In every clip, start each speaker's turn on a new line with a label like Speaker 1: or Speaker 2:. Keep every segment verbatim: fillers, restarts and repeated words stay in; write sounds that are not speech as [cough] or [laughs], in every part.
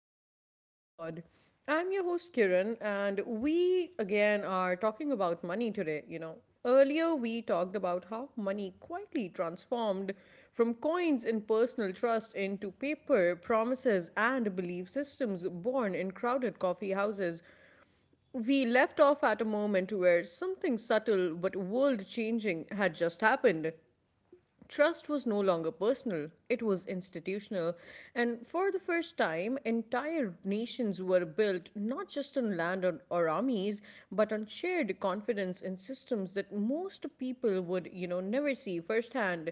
Speaker 1: to the Open Mind Pod. I'm your host Kiran, and we again are talking about money today. You know, earlier we talked about how money quietly transformed from coins and personal trust into paper, promises, and belief systems born in crowded coffee houses. We left off at a moment where something subtle but world changing had just happened. Trust was no longer personal, it was institutional. And for the first time, entire nations were built not just on land or, or armies, but on shared confidence in systems that most people would, you know, never see firsthand.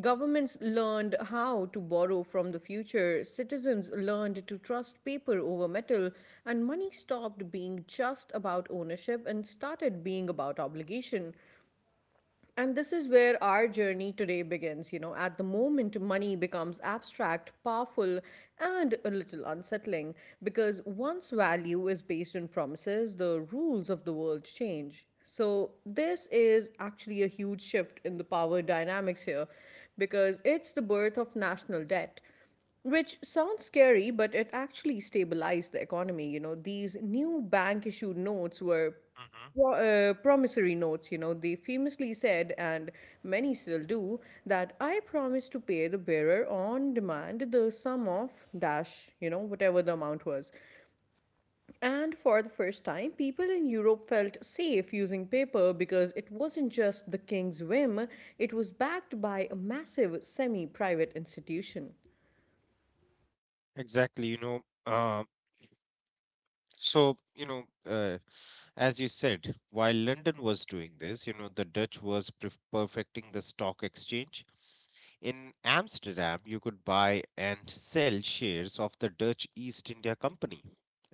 Speaker 1: Governments learned how to borrow from the future, citizens learned to trust paper over metal, and money stopped being just about ownership and started being about obligation. And this is where our journey today begins. You know, at the moment, money becomes abstract, powerful, and a little unsettling because once value is based on promises, the rules of the world change. So, this is actually a huge shift in the power dynamics here because it's the birth of national debt which sounds scary but it actually stabilized the economy you know these new bank issued notes were
Speaker 2: Mhm.
Speaker 1: pro- uh, promissory notes, you know, they famously said, and many still do, that I promise to pay the bearer on demand the sum of dash, you know, whatever the amount was. And for the first time, people in Europe felt safe using paper because it wasn't just the king's whim, it was backed by a massive semi private institution.
Speaker 2: Exactly, you know. Uh, so, you know, uh, as you said, while London was doing this, you know, the Dutch was perf- perfecting the stock exchange. In Amsterdam, you could buy and sell shares of the Dutch East India Company.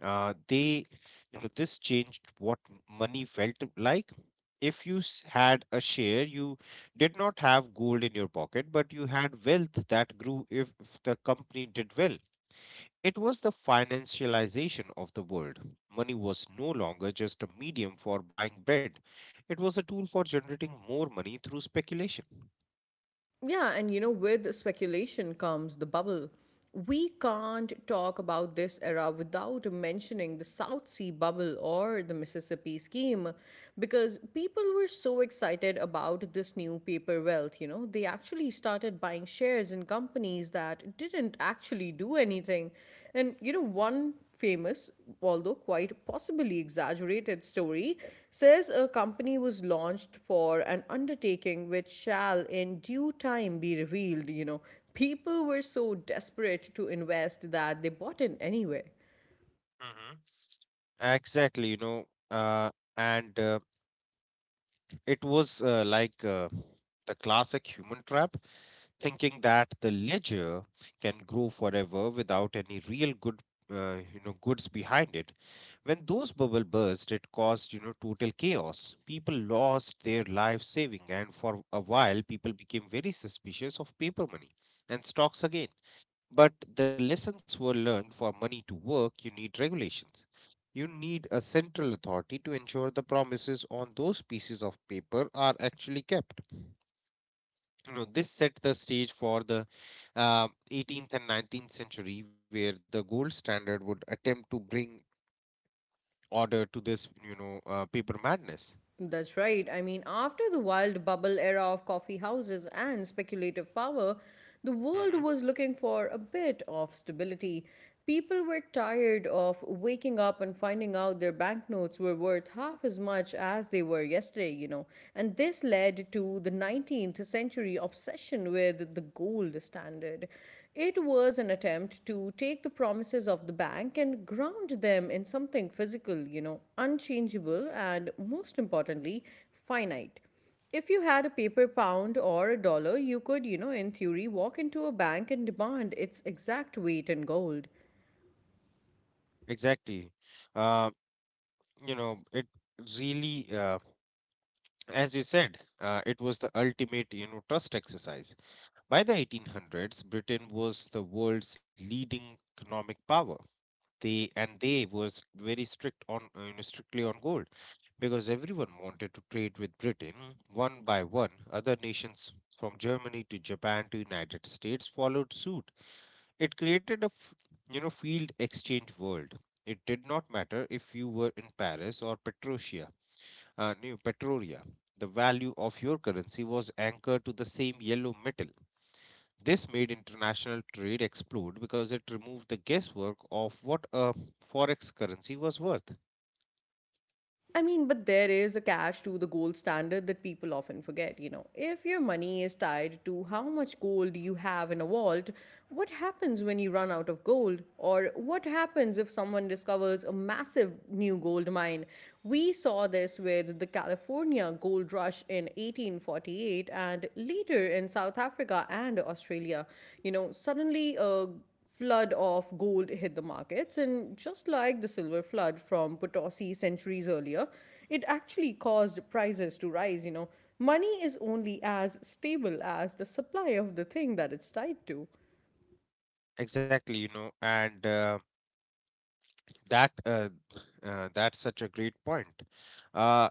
Speaker 2: Uh, they, you know, this changed what m- money felt like. If you s- had a share, you did not have gold in your pocket, but you had wealth that grew if if the company did well. It was the financialization of the world. Money was no longer just a medium for buying bread, it was a tool for generating more money through speculation.
Speaker 1: Yeah, and you know, with speculation comes the bubble. We can't talk about this era without mentioning the South Sea bubble or the Mississippi scheme because people were so excited about this new paper wealth. You know, they actually started buying shares in companies that didn't actually do anything and you know, one famous, although quite possibly exaggerated story says a company was launched for an undertaking which shall in due time be revealed. You know, people were so desperate to invest that they bought in anyway.
Speaker 2: Mhm. Exactly, you know, uh, and uh, It was uh, like uh, the classic human trap, thinking that the ledger can grow forever without any real good, uh, you know, goods behind it. When those bubble burst, it caused you know total chaos. People lost their life saving, and for a while, people became very suspicious of paper money and stocks again. But the lessons were learned. For money to work, you need regulations, you need a central authority to ensure the promises on those pieces of paper are actually kept. You know, this set the stage for the uh, eighteenth and nineteenth century, where the gold standard would attempt to bring order to this, you know, uh, paper madness.
Speaker 1: That's right. I mean, after the wild bubble era of coffee houses and speculative power, the world was
Speaker 2: Hmm.
Speaker 1: looking for a bit of stability. People were tired of waking up and finding out their banknotes were worth half as much as they were yesterday, you know. And this led to the nineteenth century obsession with the gold standard. It was an attempt to take the promises of the bank and ground them in something physical, you know, unchangeable and most importantly, finite. If you had a paper pound or a dollar, you could, you know, in theory, walk into a bank and demand its exact weight in gold.
Speaker 2: Exactly. Uh, you know, it really, uh, as you said, uh, it was the ultimate, you know, trust exercise. By the eighteen hundreds, Britain was the world's leading economic power. They and they was very strict on uh, you know, strictly on gold because everyone wanted to trade with Britain. One by one, other nations from Germany to Japan to United States followed suit. It created a f- you know field exchange world. It did not matter if you were in Paris or Petrosia, uh, no, Petroria. The value of your currency was anchored to the same yellow metal. This made international trade explode because it removed the guesswork of what a forex currency was worth.
Speaker 1: I mean, but there is a catch to the gold standard that people often forget. You know, if your money is tied to how much gold you have in a vault, what happens when you run out of gold? Or what happens if someone discovers a massive new gold mine? We saw this with the California gold rush in eighteen forty-eight and later in South Africa and Australia. You know, suddenly, a flood of gold hit the markets, and just like the silver flood from Potosi centuries earlier, it actually caused prices to rise. You know, money is only as stable as the supply of the thing that it's tied to.
Speaker 2: Exactly, you know, and uh, that uh, uh, That's such a great point. Uh,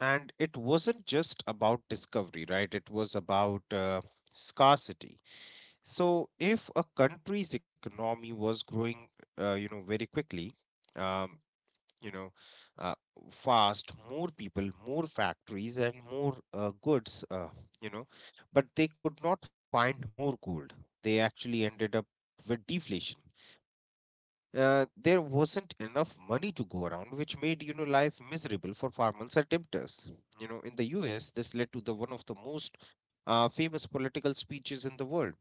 Speaker 2: and it wasn't just about discovery, right? It was about uh, scarcity. So if a country's economy was growing, uh, you know, very quickly. Um, you know uh, Fast, more people, more factories, and more uh, goods, uh, you know but they could not find more gold. They actually ended up with deflation. Uh, there wasn't enough money to go around, which made you know life miserable for farmers and debtors. You know, in the us this led to the one of the most uh, famous political speeches in the world,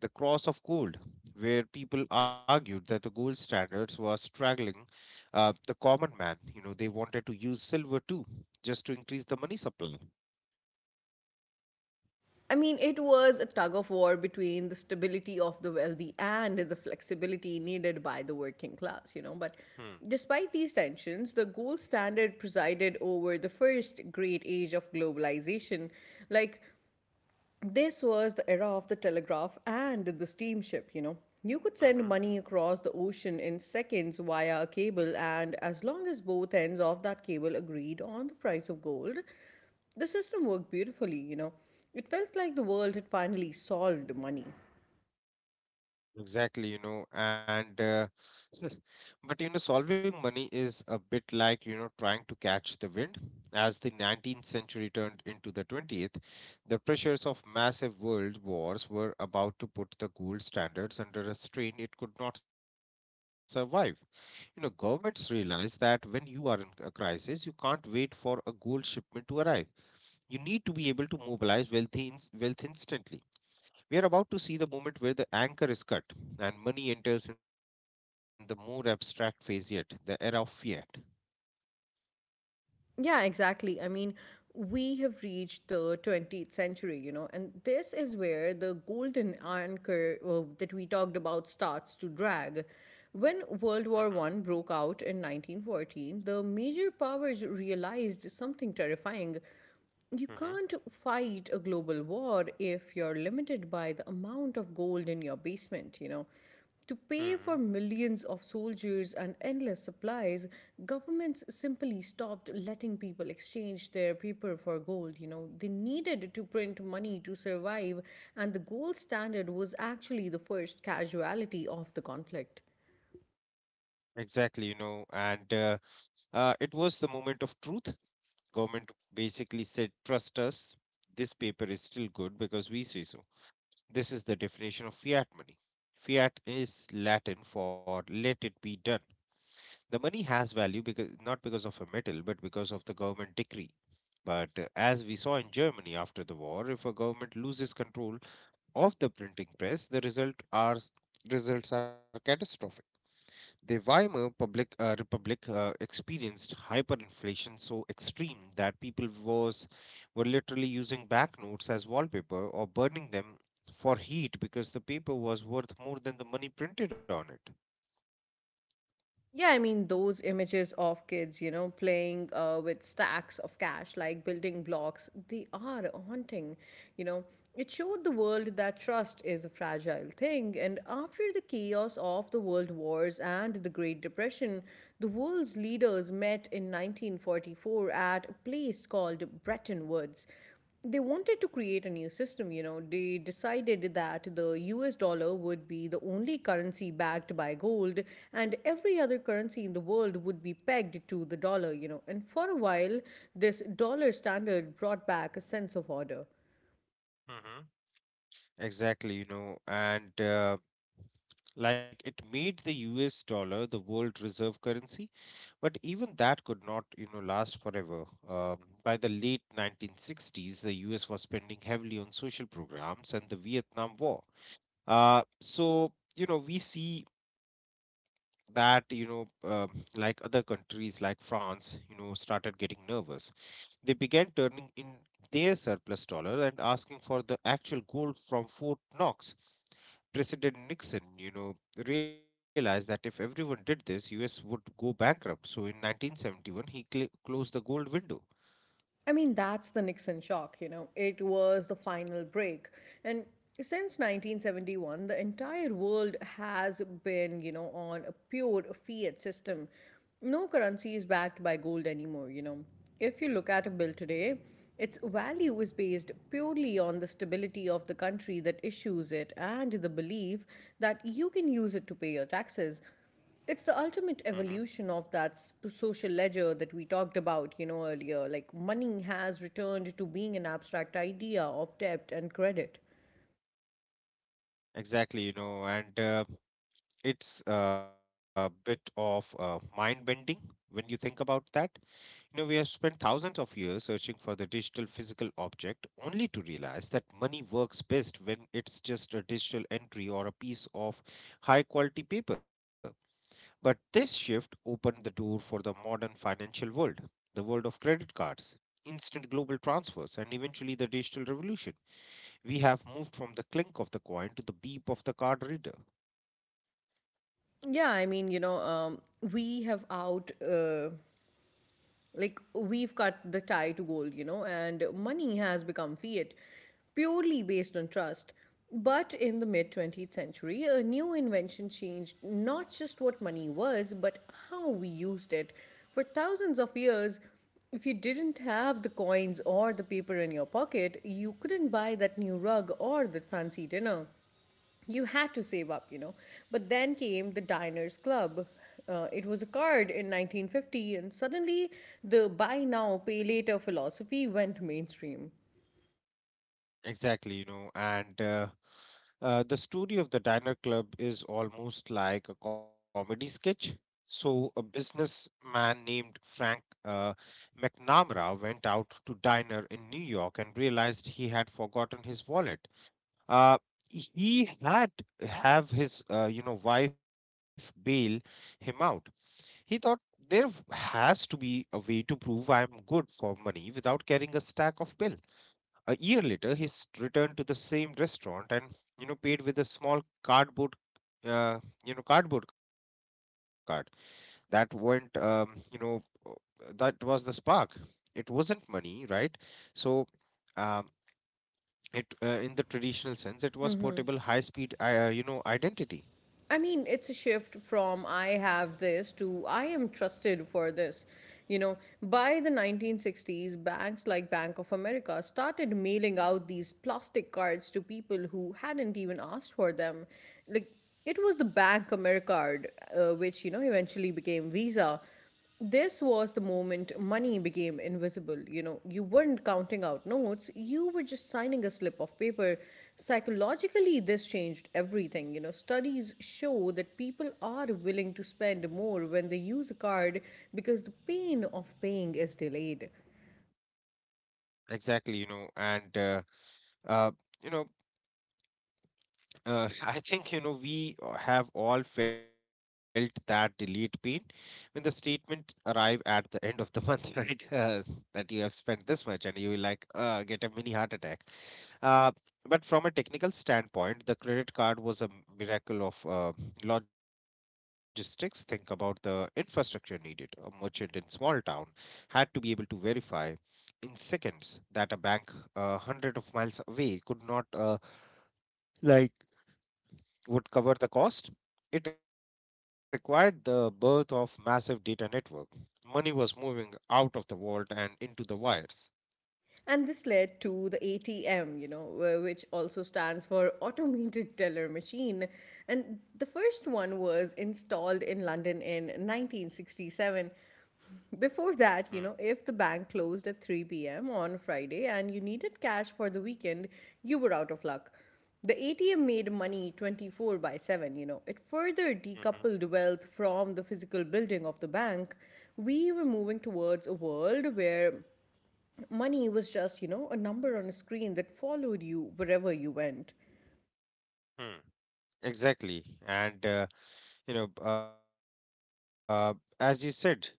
Speaker 2: the cross of gold, where people argued that the gold standards were straggling uh, the common man. You know, they wanted to use silver too, just to increase the money supply.
Speaker 1: I mean, it was a tug of war between the stability of the wealthy and the flexibility needed by the working class, you know. But
Speaker 2: Hmm.
Speaker 1: despite these tensions, the gold standard presided over the first great age of globalization. Like, this was the era of the telegraph and the steamship, you know. You could send
Speaker 2: Mm-hmm.
Speaker 1: money across the ocean in seconds via a cable, and as long as both ends of that cable agreed on the price of gold, the system worked beautifully, you know. It felt like the world had finally solved money.
Speaker 2: Exactly, you know, and uh, [laughs] But you know, solving money is a bit like you know trying to catch the wind. As the nineteenth century turned into the twentieth, the pressures of massive world wars were about to put the gold standards under a strain it could not survive. You know, governments realize that when you are in a crisis, you can't wait for a gold shipment to arrive. You need to be able to mobilize wealth, in, wealth instantly. We are about to see the moment where the anchor is cut and money enters in the more abstract phase yet, the era of fiat.
Speaker 1: Yeah, exactly. I mean, we have reached the twentieth century, you know, and this is where the golden anchor uh, that we talked about starts to drag. When
Speaker 2: Mm-hmm,
Speaker 1: World War One broke out in nineteen fourteen, the major powers realized something terrifying. You
Speaker 2: mm-hmm,
Speaker 1: can't fight a global war if you're limited by the amount of gold in your basement, you know. To pay
Speaker 2: mm-hmm.
Speaker 1: for millions of soldiers and endless supplies, governments simply stopped letting people exchange their paper for gold. You know, they needed to print money to survive, and the gold standard was actually the first casualty of the conflict.
Speaker 2: Exactly, you know, and uh, uh, it was the moment of truth. Government basically said, "Trust us. This paper is still good because we say so." This is the definition of fiat money. Fiat is Latin for let it be done. The money has value because not because of a metal, but because of the government decree. But uh, as we saw in Germany after the war, if a government loses control of the printing press, the result are results are catastrophic. The Weimar public, uh, Republic uh, experienced hyperinflation so extreme that people was were literally using banknotes as wallpaper or burning them for heat because the paper was worth more than the money printed on it.
Speaker 1: Yeah, I mean, those images of kids, you know, playing uh, with stacks of cash, like building blocks, they are haunting. You know, it showed the world that trust is a fragile thing. And after the chaos of the world wars and the Great Depression, the world's leaders met in nineteen forty-four at a place called Bretton Woods. They wanted to create a new system, you know. They decided that the U S dollar would be the only currency backed by gold, and every other currency in the world would be pegged to the dollar, you know. And for a while, this dollar standard brought back a sense of order.
Speaker 2: Hmm. Exactly, you know, and uh, Like it made the U S dollar the world reserve currency. But even that could not, you know, last forever. Um, by the late nineteen sixties, the U S was spending heavily on social programs and the Vietnam War. Uh, so, you know, we see that, you know, um Like other countries like France, you know, started getting nervous. They began turning in their surplus dollar and asking for the actual gold from Fort Knox. President Nixon, you know, realized that if everyone did this, U S would go bankrupt. So in nineteen seventy-one, he cl- closed the gold window.
Speaker 1: I mean, that's the Nixon shock, you know. It was the final break. And since nineteen seventy-one, the entire world has been, you know, on a pure fiat system. No currency is backed by gold anymore, you know. If you look at a bill today, its value is based purely on the stability of the country that issues it and the belief that you can use it to pay your taxes. It's the
Speaker 2: Hmm.
Speaker 1: ultimate evolution of that sp- social ledger that we talked about, you know, earlier. Like money has returned to being an abstract idea of debt and credit.
Speaker 2: Exactly, you know, and uh, it's a bit of uh, mind bending when you think about that. You know, we have spent thousands of years searching for the digital physical object only to realize that money works best when it's just a digital entry or a piece of high quality paper. But this shift opened the door for the modern financial world, the world of credit cards, instant global transfers, and eventually the digital revolution. We have moved from the clink of the coin to the beep of the card reader.
Speaker 1: Yeah, I mean, you know, um, we have out uh, like, we've cut the tie to gold, you know, and money has become fiat, purely based on trust. But in the mid twentieth century, a new invention changed not just what money was, but how we used it. For thousands of years, if you didn't have the coins or the paper in your pocket, you couldn't buy that new rug or the fancy dinner. You had to save up, you know. But then came the Diners Club. Uh, it was a card in nineteen fifty, and suddenly the buy now, pay later philosophy went mainstream.
Speaker 2: Exactly, you know, and uh, uh, the story of the Diner Club is almost like a comedy sketch. So, a businessman named Frank uh, McNamara went out to diner in New York and realized he had forgotten his wallet. uh, he had have his uh, you know wife bail him out. He thought there has to be a way to prove I am good for money without carrying a stack of bill. A year later he s- returned to the same restaurant and you know paid with a small cardboard uh, you know cardboard card. That went um, you know uh, that was the spark. It wasn't money, right? so um, it uh, In the traditional sense, it was portable, high speed, uh, you know, identity.
Speaker 1: I mean, it's a shift from I have this to I am trusted for this. You know, by the nineteen sixties, banks like Bank of America started mailing out these plastic cards to people who hadn't even asked for them. Like, it was the Bank Americard, uh, which, you know, eventually became Visa. This was the moment money became invisible. You know, you weren't counting out notes, you were just signing a slip of paper. Psychologically, this changed everything. You know, studies show that people are willing to spend more when they use a card because the pain of paying is delayed.
Speaker 2: Exactly, you know, and uh, uh, you know, uh, [laughs] I think you know we uh, have all felt that delete pain when the statement arrive at the end of the month, [laughs] right? Uh, that you have spent this much, and you will like uh, get a mini heart attack. Uh, but from a technical standpoint, the credit card was a miracle of uh, logistics. Think about the infrastructure needed. A merchant in small town had to be able to verify in seconds that a bank uh, hundred of miles away could not uh, like would cover the cost. It required the birth of massive data network. Money was moving out of the vault and into the wires.
Speaker 1: And this led to the A T M, you know, wh- which also stands for Automated Teller Machine. And the first one was installed in London in nineteen sixty-seven. Before that, you know, if
Speaker 2: Hmm.
Speaker 1: the bank closed at three p m on Friday and you needed cash for the weekend, you were out of luck. The A T M made money twenty-four by seven, you know. It further decoupled wealth
Speaker 2: Hmm.
Speaker 1: from the physical building of the bank. We were moving towards a world where money was just, you know, a number on a screen that followed you wherever you went.
Speaker 2: Hmm. Exactly. And uh, you know uh, As you said,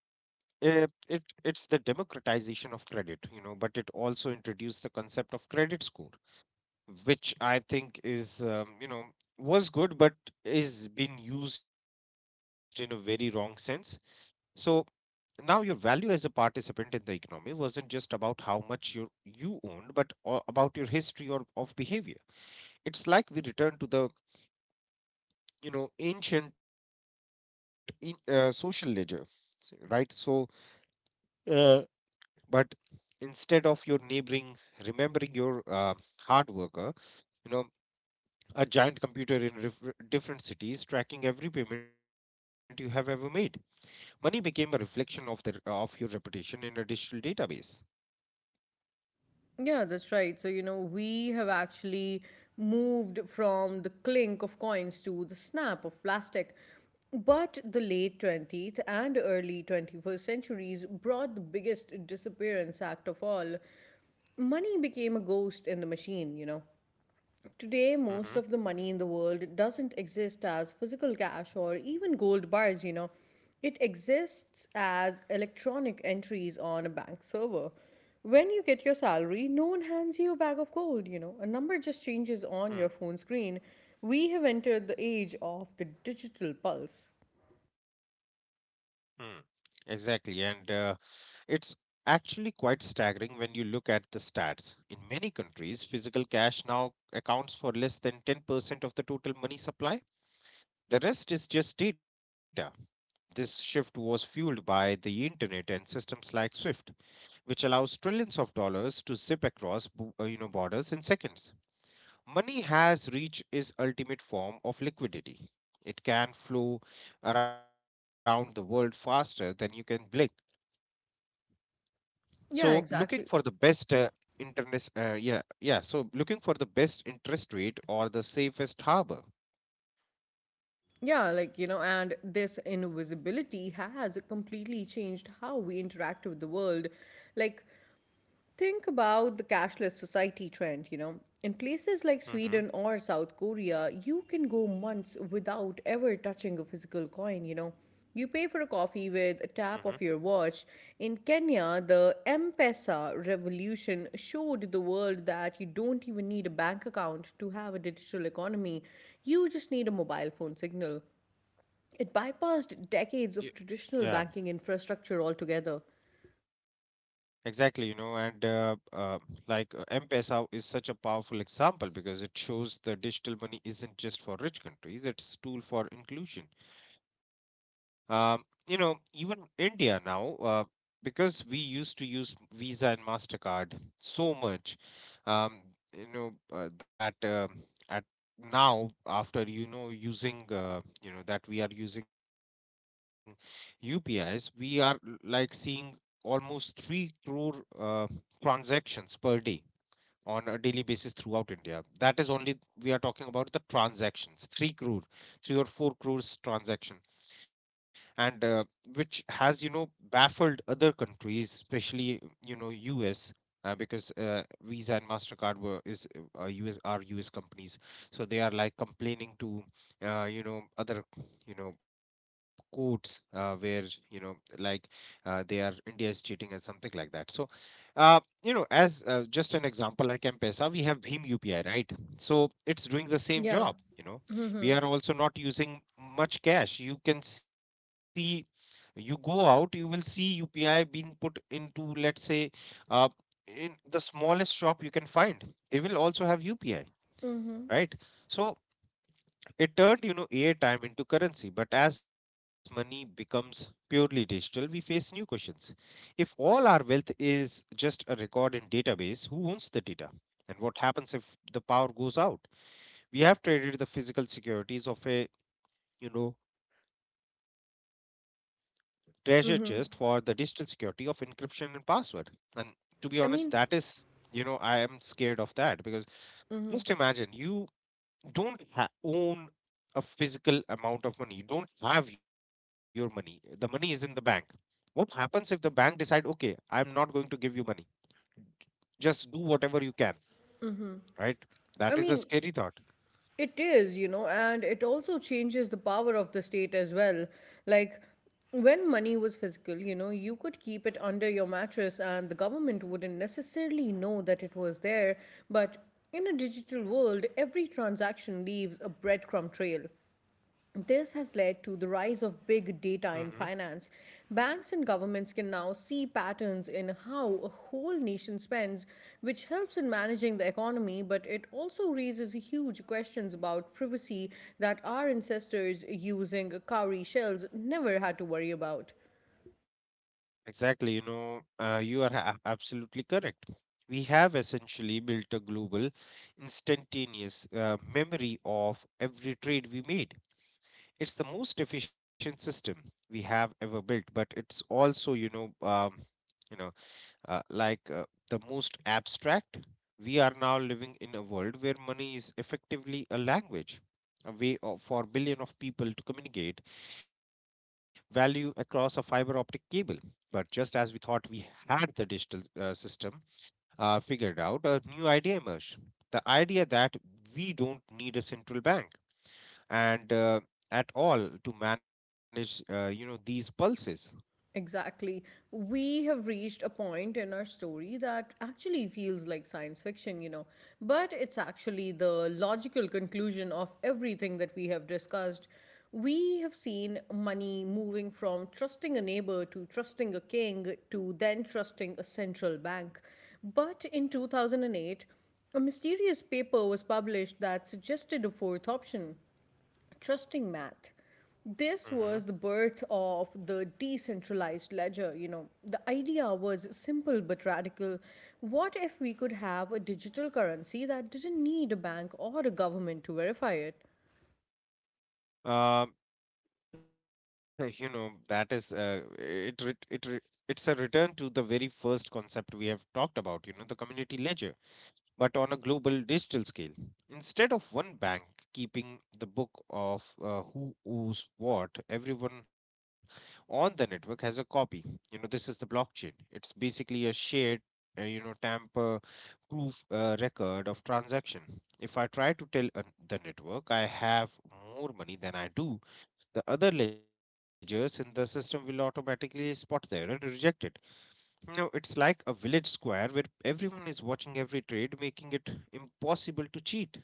Speaker 2: it, it it's the democratization of credit, you know but it also introduced the concept of credit score, which I think is um, you know was good but is being used in a very wrong sense. So now your value as a participant in the economy wasn't just about how much you you owned but a- about your history or of behavior. It's like we return to the you know ancient in, uh, social ledger s- right? so uh, but instead of your neighboring remembering your uh, hard worker, you know a giant computer in ref- different cities tracking every payment you have ever made, money became a reflection of their uh, of your reputation in a digital database.
Speaker 1: Yeah, that's right. So, you know, we have actually moved from the clink of coins to the snap of plastic. But the late twentieth and early twenty-first centuries brought the biggest disappearance act of all. Money became a ghost in the machine, you know. Today, most of
Speaker 2: Mm-hmm.
Speaker 1: the money in the world doesn't exist as physical cash or even gold bars, you know. It exists as electronic entries on a bank server. When you get your salary, no one hands you a bag of gold, you know. A number just changes on your phone screen. We have entered the age of the digital pulse.
Speaker 2: Mm-hmm. Exactly. And uh, It's actually quite staggering when you look at the stats. In many countries, physical cash now accounts for less than ten percent of the total money supply. The rest is just data. This shift was fueled by the internet and systems like SWIFT, which allows trillions of dollars to zip across bo- uh, you know borders in seconds. Money has reached its ultimate form of liquidity. It can flow around the world faster than you can blink, so
Speaker 1: Yeah,
Speaker 2: looking for the
Speaker 1: exactly.
Speaker 2: best uh, interest uh, yeah yeah so looking for the best interest rate or the safest harbor.
Speaker 1: Yeah, like, you know, and this invisibility has completely changed how we interact with the world. Like, think about the cashless society trend, you know. In places like
Speaker 2: Mm-hmm.
Speaker 1: Sweden or South Korea, you can go months without ever touching a physical coin, you know. You pay for a
Speaker 2: Mm-hmm.
Speaker 1: coffee with a tap of your watch. In Kenya, the M-Pesa revolution showed the world that you don't even need a bank account to have a digital economy. You just need a mobile phone signal. It
Speaker 2: Ye-
Speaker 1: bypassed decades of
Speaker 2: yeah
Speaker 1: traditional banking infrastructure altogether.
Speaker 2: exactly, you know and uh, uh, like uh, M-Pesa is such a powerful example because it shows the digital money isn't just for rich countries, it's tool for inclusion. Um, you know, even India now, uh, because we used to use Visa and MasterCard so much, um, you know, uh, that uh, at now after you know using uh, you know that we are using U P Is, we are l- like seeing almost three crore uh, transactions per day on a daily basis throughout India. That is only we are talking about the transactions, three crore, three or four crores transaction and uh, which has, you know, baffled other countries, especially, you know, US, uh, because uh, Visa and MasterCard were is uh, uh, us are US companies. So they are like complaining to, uh, you know, other, you know, courts, uh, where, you know, like, uh, they are, India is cheating and something like that. So uh, you know, as, uh, just an example, like M-Pesa, we have bhim U P I, right? So it's doing the
Speaker 1: Yeah.
Speaker 2: same job, you know. We are also not using much cash. You can see, you go out, you will see U P I being put into, let's say, uh, in the smallest shop you can find. They will also have U P I,
Speaker 1: Mm-hmm.
Speaker 2: right? So it turned, you know, airtime into currency. But as money becomes purely digital, we face new questions. If all our wealth is just a record in database, who owns the data? And what happens if the power goes out? We have traded the physical securities of a, you know, treasure
Speaker 1: Mm-hmm.
Speaker 2: chest for the digital security of encryption and password. And
Speaker 1: I
Speaker 2: to be
Speaker 1: mean,
Speaker 2: honest, that is, you know, I am scared of that because just imagine you don't ha- own a physical amount of money. You don't have your money. The money is in the bank. What happens if the bank decide, okay, I'm not going to give you money. Just do whatever you can, right? That
Speaker 1: I
Speaker 2: is a
Speaker 1: mean,
Speaker 2: scary thought.
Speaker 1: it is, you know, and it also changes the power of the state as well. Like, when money was physical, you know, you could keep it under your mattress and the government wouldn't necessarily know that it was there. But in a digital world, every transaction leaves a breadcrumb trail. This has led to the rise of big data in finance. Banks and governments can now see patterns in how a whole nation spends, which helps in managing the economy, but it also raises huge questions about privacy that our ancestors using cowrie shells never had to worry about.
Speaker 2: Exactly, you know, uh, you are a- absolutely correct. We have essentially built a global, instantaneous uh, memory of every trade we made. It's the most efficient system we have ever built, but it's also, you know, um, you know, uh, like uh, the most abstract. We are now living in a world where money is effectively a language, a way of, for billion of people to communicate value across a fiber optic cable. But just as we thought we had the digital uh, system uh, figured out, a new idea emerged. The idea that we don't need a central bank and uh, at all to manage, uh, you know, these pulses.
Speaker 1: Exactly. We have reached a point in our story that actually feels like science fiction, you know, but it's actually the logical conclusion of everything that we have discussed. We have seen money moving from trusting a neighbor to trusting a king to then trusting a central bank. But in two thousand eight, a mysterious paper was published that suggested a fourth option, trusting math. This
Speaker 2: hmm
Speaker 1: was the birth of the decentralized ledger. You know, the idea was simple but radical. What if we could have a digital currency that didn't need a bank or a government to verify it?
Speaker 2: Um, you know, that is uh, it, re- it, re- it's a return to the very first concept we have talked about, you know, the community ledger but on a global digital scale. Instead of one bank keeping the book of uh, who owes what, everyone on the network has a copy. You know, this is the blockchain. It's basically a shared, uh, you know, tamper proof uh, record of transaction. If I try to tell an- The network I have more money than I do, the other ledgers in the system will automatically spot the error and reject it. No, it's like a village square where everyone is watching every trade, making it impossible to cheat.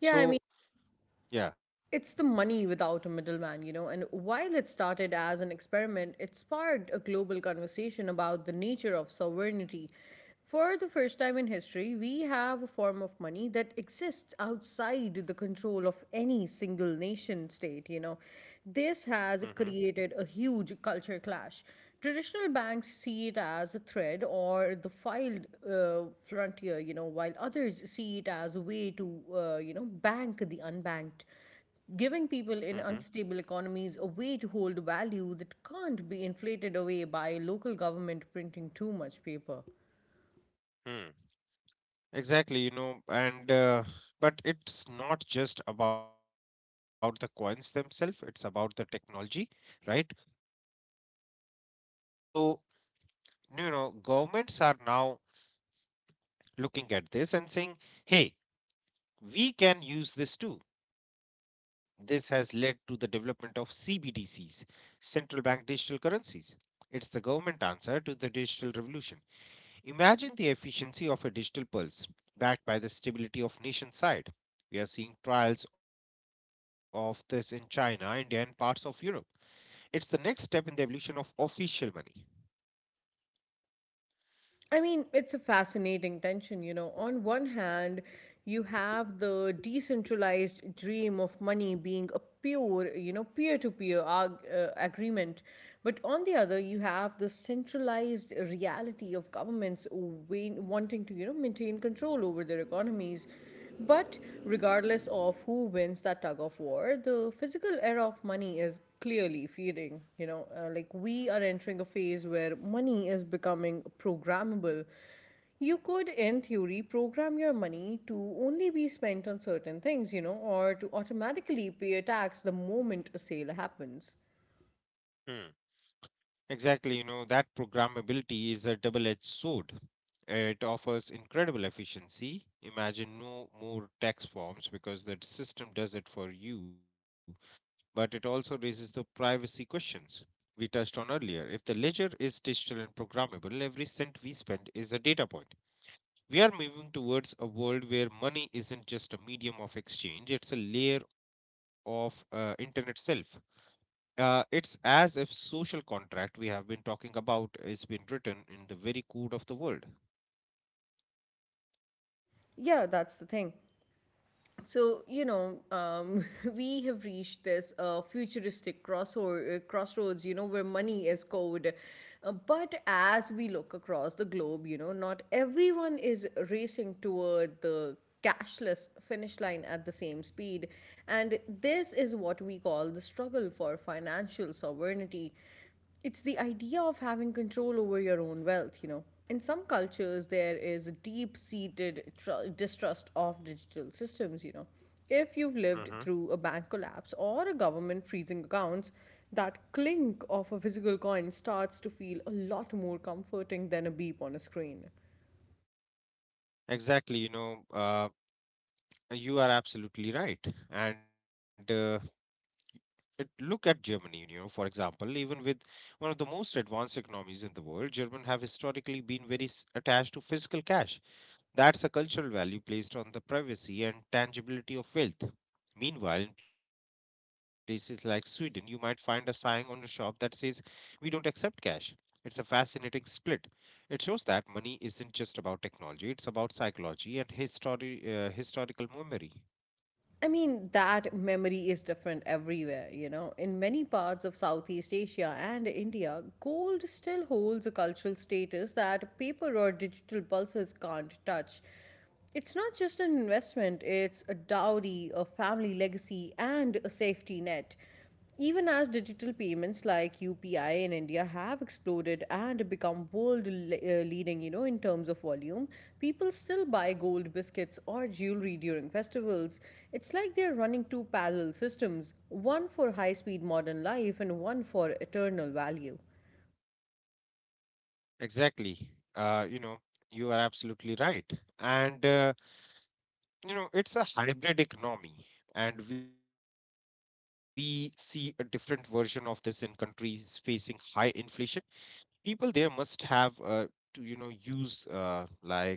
Speaker 1: Yeah, I mean,
Speaker 2: So, yeah.
Speaker 1: it's the money without a middleman, you know. And while it started as an experiment, it sparked a global conversation about the nature of sovereignty. For the first time in history, we have a form of money that exists outside the control of any single nation state, you know. This has created a huge culture clash. Traditional banks see it as a threat or the filed uh, frontier, you know, while others see it as a way to, uh, you know, bank the unbanked, giving
Speaker 2: Mm-hmm.
Speaker 1: people in unstable economies a way to hold value that can't be inflated away by local government printing too much paper.
Speaker 2: hmm exactly, you know, and uh, but it's not just about the coins themselves, it's about the technology, right? So, you know, governments are now looking at this and saying, hey, we can use this too. This has led to the development of C B D Cs, central bank digital currencies. It's the government answer to the digital revolution. Imagine the efficiency of a digital pulse backed by the stability of nation side. We are seeing trials of this in China, India, and parts of Europe. It's the next step in the evolution of official money.
Speaker 1: I mean, it's a fascinating tension, you know. On one hand, you have the decentralized dream of money being a pure, you know, peer to peer agreement. But on the other, you have the centralized reality of governments wa- wanting to, you know, maintain control over their economies. But regardless of who wins that tug of war, the physical era of money is clearly fading. You know, uh, like we are entering a phase where money is becoming programmable. You could, in theory, program your money to only be spent on certain things, you know, or to automatically pay a tax the moment a sale happens.
Speaker 2: Hmm. Exactly, you know, that programmability is a double edged sword. It offers incredible efficiency. Imagine no more tax forms because the system does it for you. But it also raises the privacy questions we touched on earlier. If the ledger is digital and programmable, every cent we spend is a data point. We are moving towards a world where money isn't just a medium of exchange, it's a layer of uh, internet self. Uh, it's as if social contract we have been talking about is been written in the very code of the world.
Speaker 1: Yeah, that's the thing. So, you know, um, [laughs] we have reached this uh, futuristic crossroad, uh, crossroads, you know, where money is code. Uh, but as we look across the globe, you know, not everyone is racing toward the cashless finish line at the same speed. And this is what we call the struggle for financial sovereignty. It's the idea of having control over your own wealth, you know. In some cultures, there is a deep seated tr- distrust of digital systems, you know. If you've
Speaker 2: Mhm.
Speaker 1: lived through a bank collapse or a government freezing accounts, that clink of a physical coin starts to feel a lot more comforting than a beep on a screen.
Speaker 2: Exactly, you know, uh, you are absolutely right. And uh, it, Look at Germany, you know, for example, even with one of the most advanced economies in the world, Germans have historically been very s- attached to physical cash. That's a cultural value placed on the privacy and tangibility of wealth. Meanwhile, in places like Sweden, you might find a sign on a shop that says, we don't accept cash. It's a fascinating split. It shows that money isn't just about technology, it's about psychology and history, uh, historical memory.
Speaker 1: I mean, that memory is different everywhere, you know. In many parts of Southeast Asia and India, gold still holds a cultural status that paper or digital pulses can't touch. It's not just an investment, it's a dowry, a family legacy, and a safety net. Even as digital payments like U P I in India have exploded and become world le- uh, leading, you know, in terms of volume, people still buy gold biscuits or jewelry during festivals. It's like they're running two parallel systems, one for high speed modern life and one for eternal value.
Speaker 2: Exactly. Uh, you know, you are absolutely right. And, uh, you know, it's a hybrid economy. And we see a different version of this in countries facing high inflation. People there must have uh, to, you know, use uh, like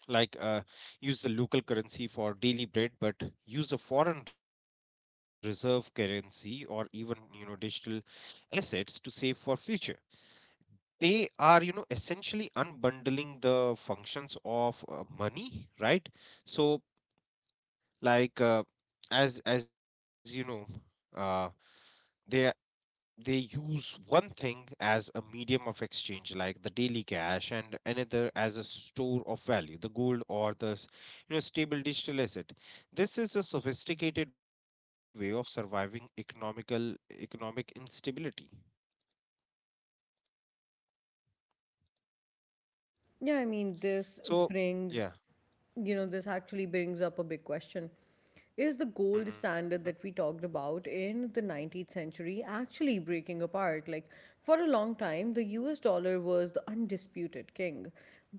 Speaker 2: like uh, use the local currency for daily bread but use a foreign reserve currency or even, you know, digital assets to save for future. They are, you know, essentially unbundling the functions of uh, money, right? So like uh, as as you know, uh, they they use one thing as a medium of exchange, like the daily cash, and another as a store of value, the gold or the s- you know, stable digital asset. This is a sophisticated way of surviving economical economic instability.
Speaker 1: Yeah, I mean,
Speaker 2: So
Speaker 1: this
Speaker 2: yeah.
Speaker 1: brings, you know, this actually brings up a big question. Is the
Speaker 2: hmm
Speaker 1: gold standard that we talked about in the nineteenth century actually breaking apart? Like, for a long time, the U S dollar was the undisputed king.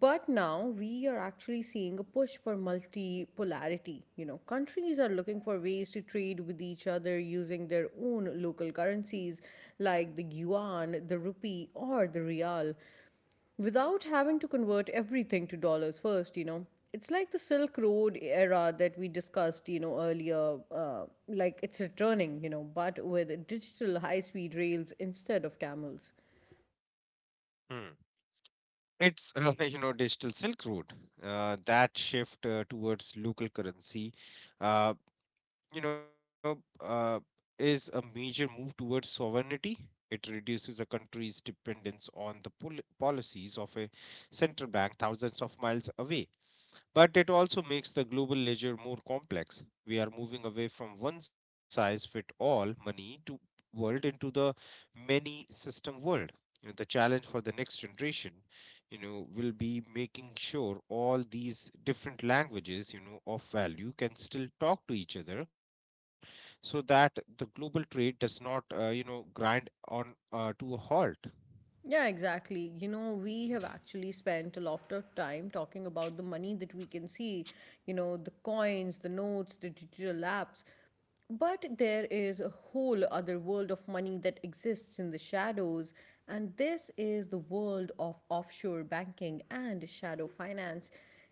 Speaker 1: But now we are actually seeing a push for multipolarity. You know, countries are looking for ways to trade with each other using their own local currencies, like the yuan, the rupee, or the real, without having to convert everything to dollars first, you know. It's like the Silk Road era that we discussed, you know, earlier. Uh, like it's returning, you know, but with digital high speed rails instead of camels.
Speaker 2: Hmm. It's uh, [laughs] you know, digital Silk Road. Uh, that shift uh, towards local currency, uh, you know, uh, is a major move towards sovereignty. It reduces a country's dependence on the pol- policies of a central bank thousands of miles away. But it also makes the global ledger more complex. We are moving away from one size fit all money to world into the many system world. You know, the challenge for the next generation, you know, will be making sure all these different languages, you know, of value can still talk to each other so that the global trade does not, uh, you know, grind on uh, to a halt.
Speaker 1: Yeah, exactly. You know, we have actually spent a lot of time talking about the money that we can see, you know, the coins, the notes, the digital apps. But there is a whole other world of money that exists in the shadows, and this is the world of offshore banking and shadow finance.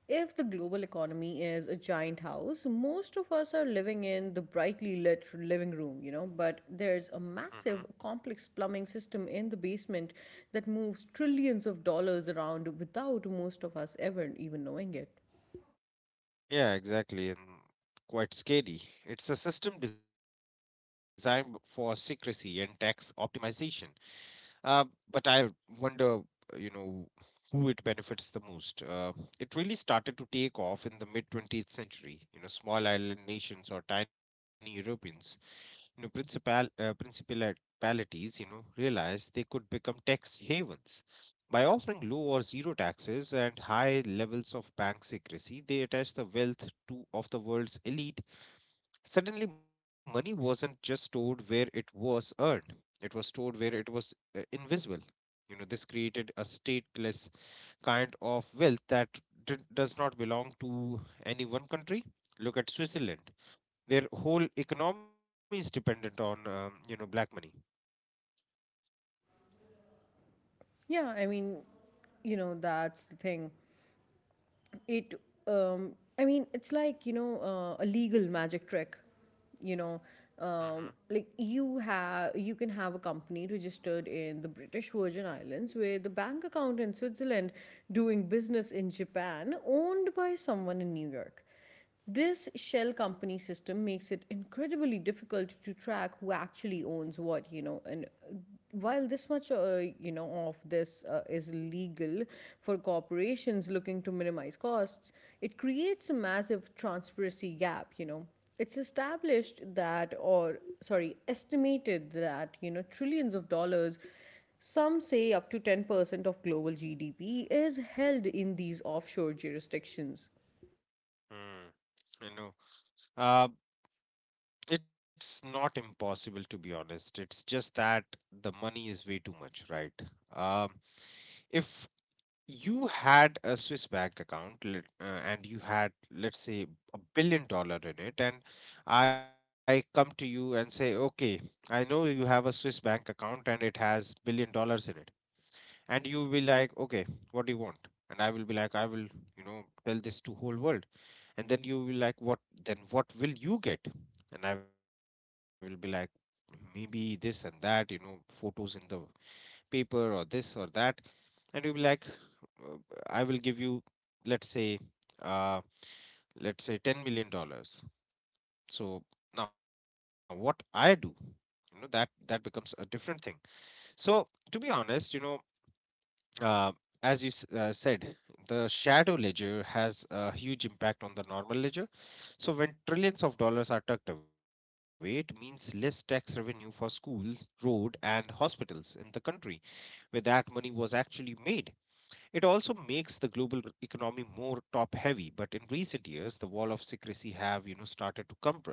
Speaker 1: If the global economy is a giant house, most of us are living in the brightly lit living room, you know, but there's a massive
Speaker 2: Mhm.
Speaker 1: complex plumbing system in the basement that moves trillions of dollars around without most of us ever even knowing it.
Speaker 2: Yeah, exactly, and quite scary. It's a system designed b- for secrecy and tax optimization. Uh, but I wonder, you know, who it benefits the most. Uh, it really started to take off in the mid twentieth century, you know. Small island nations or tiny Europeans, you know, principal uh, principalities, you know, realized they could become tax havens. By offering low or zero taxes and high levels of bank secrecy, they attached the wealth to of the world's elite. Suddenly, money wasn't just stored where it was earned; it was stored where it was, uh, invisible. You know, this created a stateless kind of wealth that d- does not belong to any one country. Look at Switzerland, their whole economy is dependent on, um, you know, black money.
Speaker 1: Yeah, I mean, you know, that's the thing. It um, I mean, it's like, you know, uh, a legal magic trick, you know. Um, like, you have you can have a company registered in the British Virgin Islands with a bank account in Switzerland, doing business in Japan, owned by someone in New York. This shell company system makes it incredibly difficult to track who actually owns what, you know. And while this much, uh, you know, of this uh, is legal for corporations looking to minimize costs, it creates a massive transparency gap, you know. It's established that, or sorry, estimated that, you know, trillions of dollars, some say up to ten percent of global G D P, is held in these offshore jurisdictions.
Speaker 2: Mm-hmm. Mm. You know, uh, it's not impossible, to be honest. It's just that the money is way too much, right? Um, if you had a Swiss bank account, let- uh, and you had, let's say, a billion dollar in it, and I come to you and say, okay, I know you have a Swiss bank account and it has billion dollars in it, and you will be like, okay, what do you want? And I will be like, I will, you know, tell this to whole world. And then you will be like, what? Then what will you get? And I will be like, maybe this and that, you know, photos in the paper or this or that. And you'll be like, uh, I will give you, let's say, uh let's say ten million dollars. So now what I do, you know, that that becomes a different thing. So, to be honest, you know, Uh, as you s- uh, said, the shadow ledger has a huge impact on the normal ledger. So, when trillions of dollars are tucked away, it means less tax revenue for schools, road, and hospitals in the country where that money was actually made. It also makes the global economy more top-heavy. But in recent years, the wall of secrecy have, you know, started to crumble.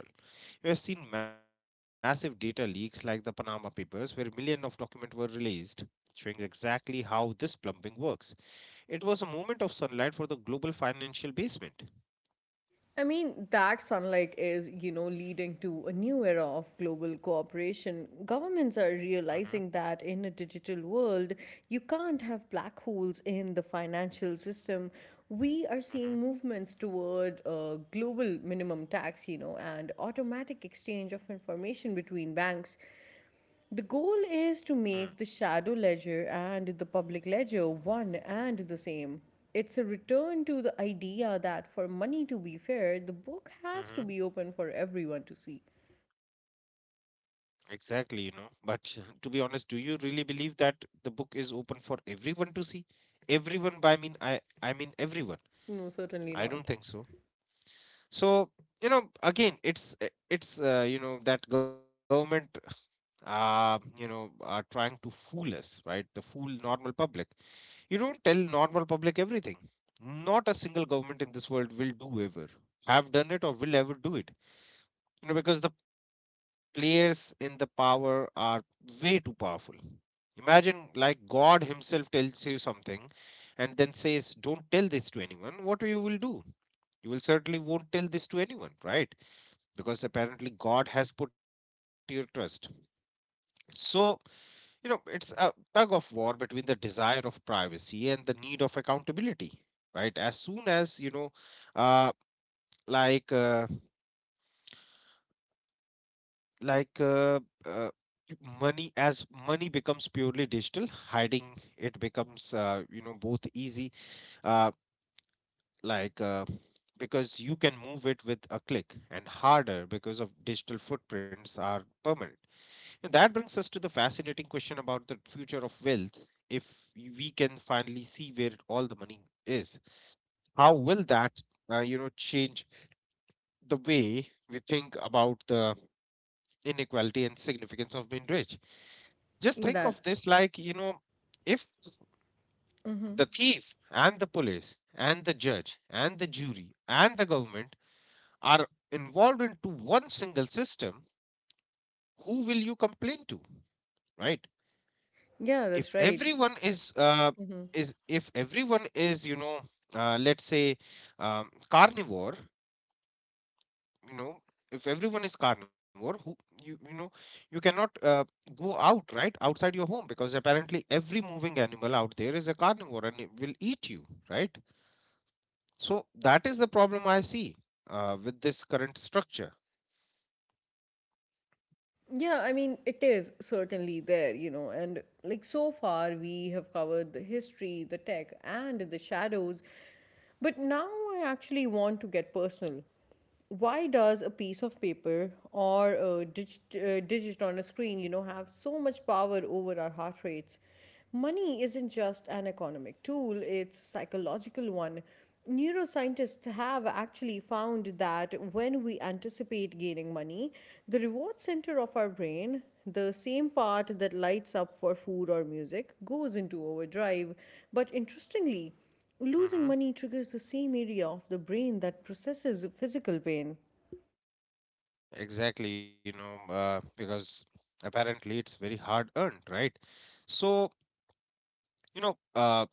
Speaker 2: We have seen massive data leaks like the Panama Papers, where millions of documents were released, showing exactly how this plumbing works. It was a moment of sunlight for the global financial basement.
Speaker 1: I mean, that sunlight is, you know, leading to a new era of global cooperation. Governments are
Speaker 2: hmm
Speaker 1: realizing that in a digital world, you can't have black holes in the financial system. We are seeing movements toward a global minimum tax, you know, and automatic exchange of information between banks. The goal is
Speaker 2: hmm
Speaker 1: to make the shadow ledger and the public ledger one and the same. It's a return to the idea that for money to be fair, the book
Speaker 2: hmm
Speaker 1: has to be open for everyone to see.
Speaker 2: Exactly, you know. But [laughs] to be honest, do you really believe that the book is open for everyone to see? Everyone by mean I I mean everyone.
Speaker 1: No,
Speaker 2: I don't
Speaker 1: certainly
Speaker 2: think
Speaker 1: not.
Speaker 2: so. So, you know, again, it's uh, it's uh, you know, that government, uh, you know, are trying to fool us, right? The fool normal public. You don't tell normal public everything. Not a single government in this world will do ever, have done it or will ever do it. You know, because the players in the power are way too powerful. Imagine like God himself tells you something and then says, don't tell this to anyone. What you will do? You will certainly won't tell this to anyone, right? Because apparently God has put your trust. So you know, it's a tug of war between the desire of privacy and the need of accountability, right? As soon as you know, uh, like uh, like uh, uh, money as money becomes purely digital, hiding it becomes uh, you know both easy, uh, like. Uh, because you can move it with a click and harder because of digital footprints are permanent. And that brings us to the fascinating question about the future of wealth. If we can finally see where all the money is, how will that, uh, you know, change the way we think about the inequality and significance of being rich? Just think
Speaker 1: In
Speaker 2: of
Speaker 1: that.
Speaker 2: this like, you know, if
Speaker 1: Hmm.
Speaker 2: the thief and the police and the judge and the jury and the government are involved into one single system, who will you complain to, right?
Speaker 1: Yeah,
Speaker 2: If
Speaker 1: that's right.
Speaker 2: everyone is uh,
Speaker 1: Mm-hmm.
Speaker 2: is if everyone is you know uh, let's say um, carnivore. you know if everyone is carnivore, who you you know you cannot uh, go out right outside your home because apparently every moving animal out there is a carnivore and it will eat you, right? So that is the problem I see uh, with this current structure.
Speaker 1: Yeah, I mean, it is certainly there, you know, and like so far we have covered the history, the tech, and the shadows. But now I actually want to get personal. Why does a piece of paper or a digit, uh, digit on a screen, you know, have so much power over our heart rates? Money isn't just an economic tool, it's a psychological one. Neuroscientists have actually found that when we anticipate gaining money, the reward center of our brain, the same part that lights up for food or music, goes into overdrive. But interestingly, losing
Speaker 2: hmm
Speaker 1: money triggers the same area of the brain that processes physical pain.
Speaker 2: exactly, you know uh, because apparently it's very hard earned, right? So, You know, uh,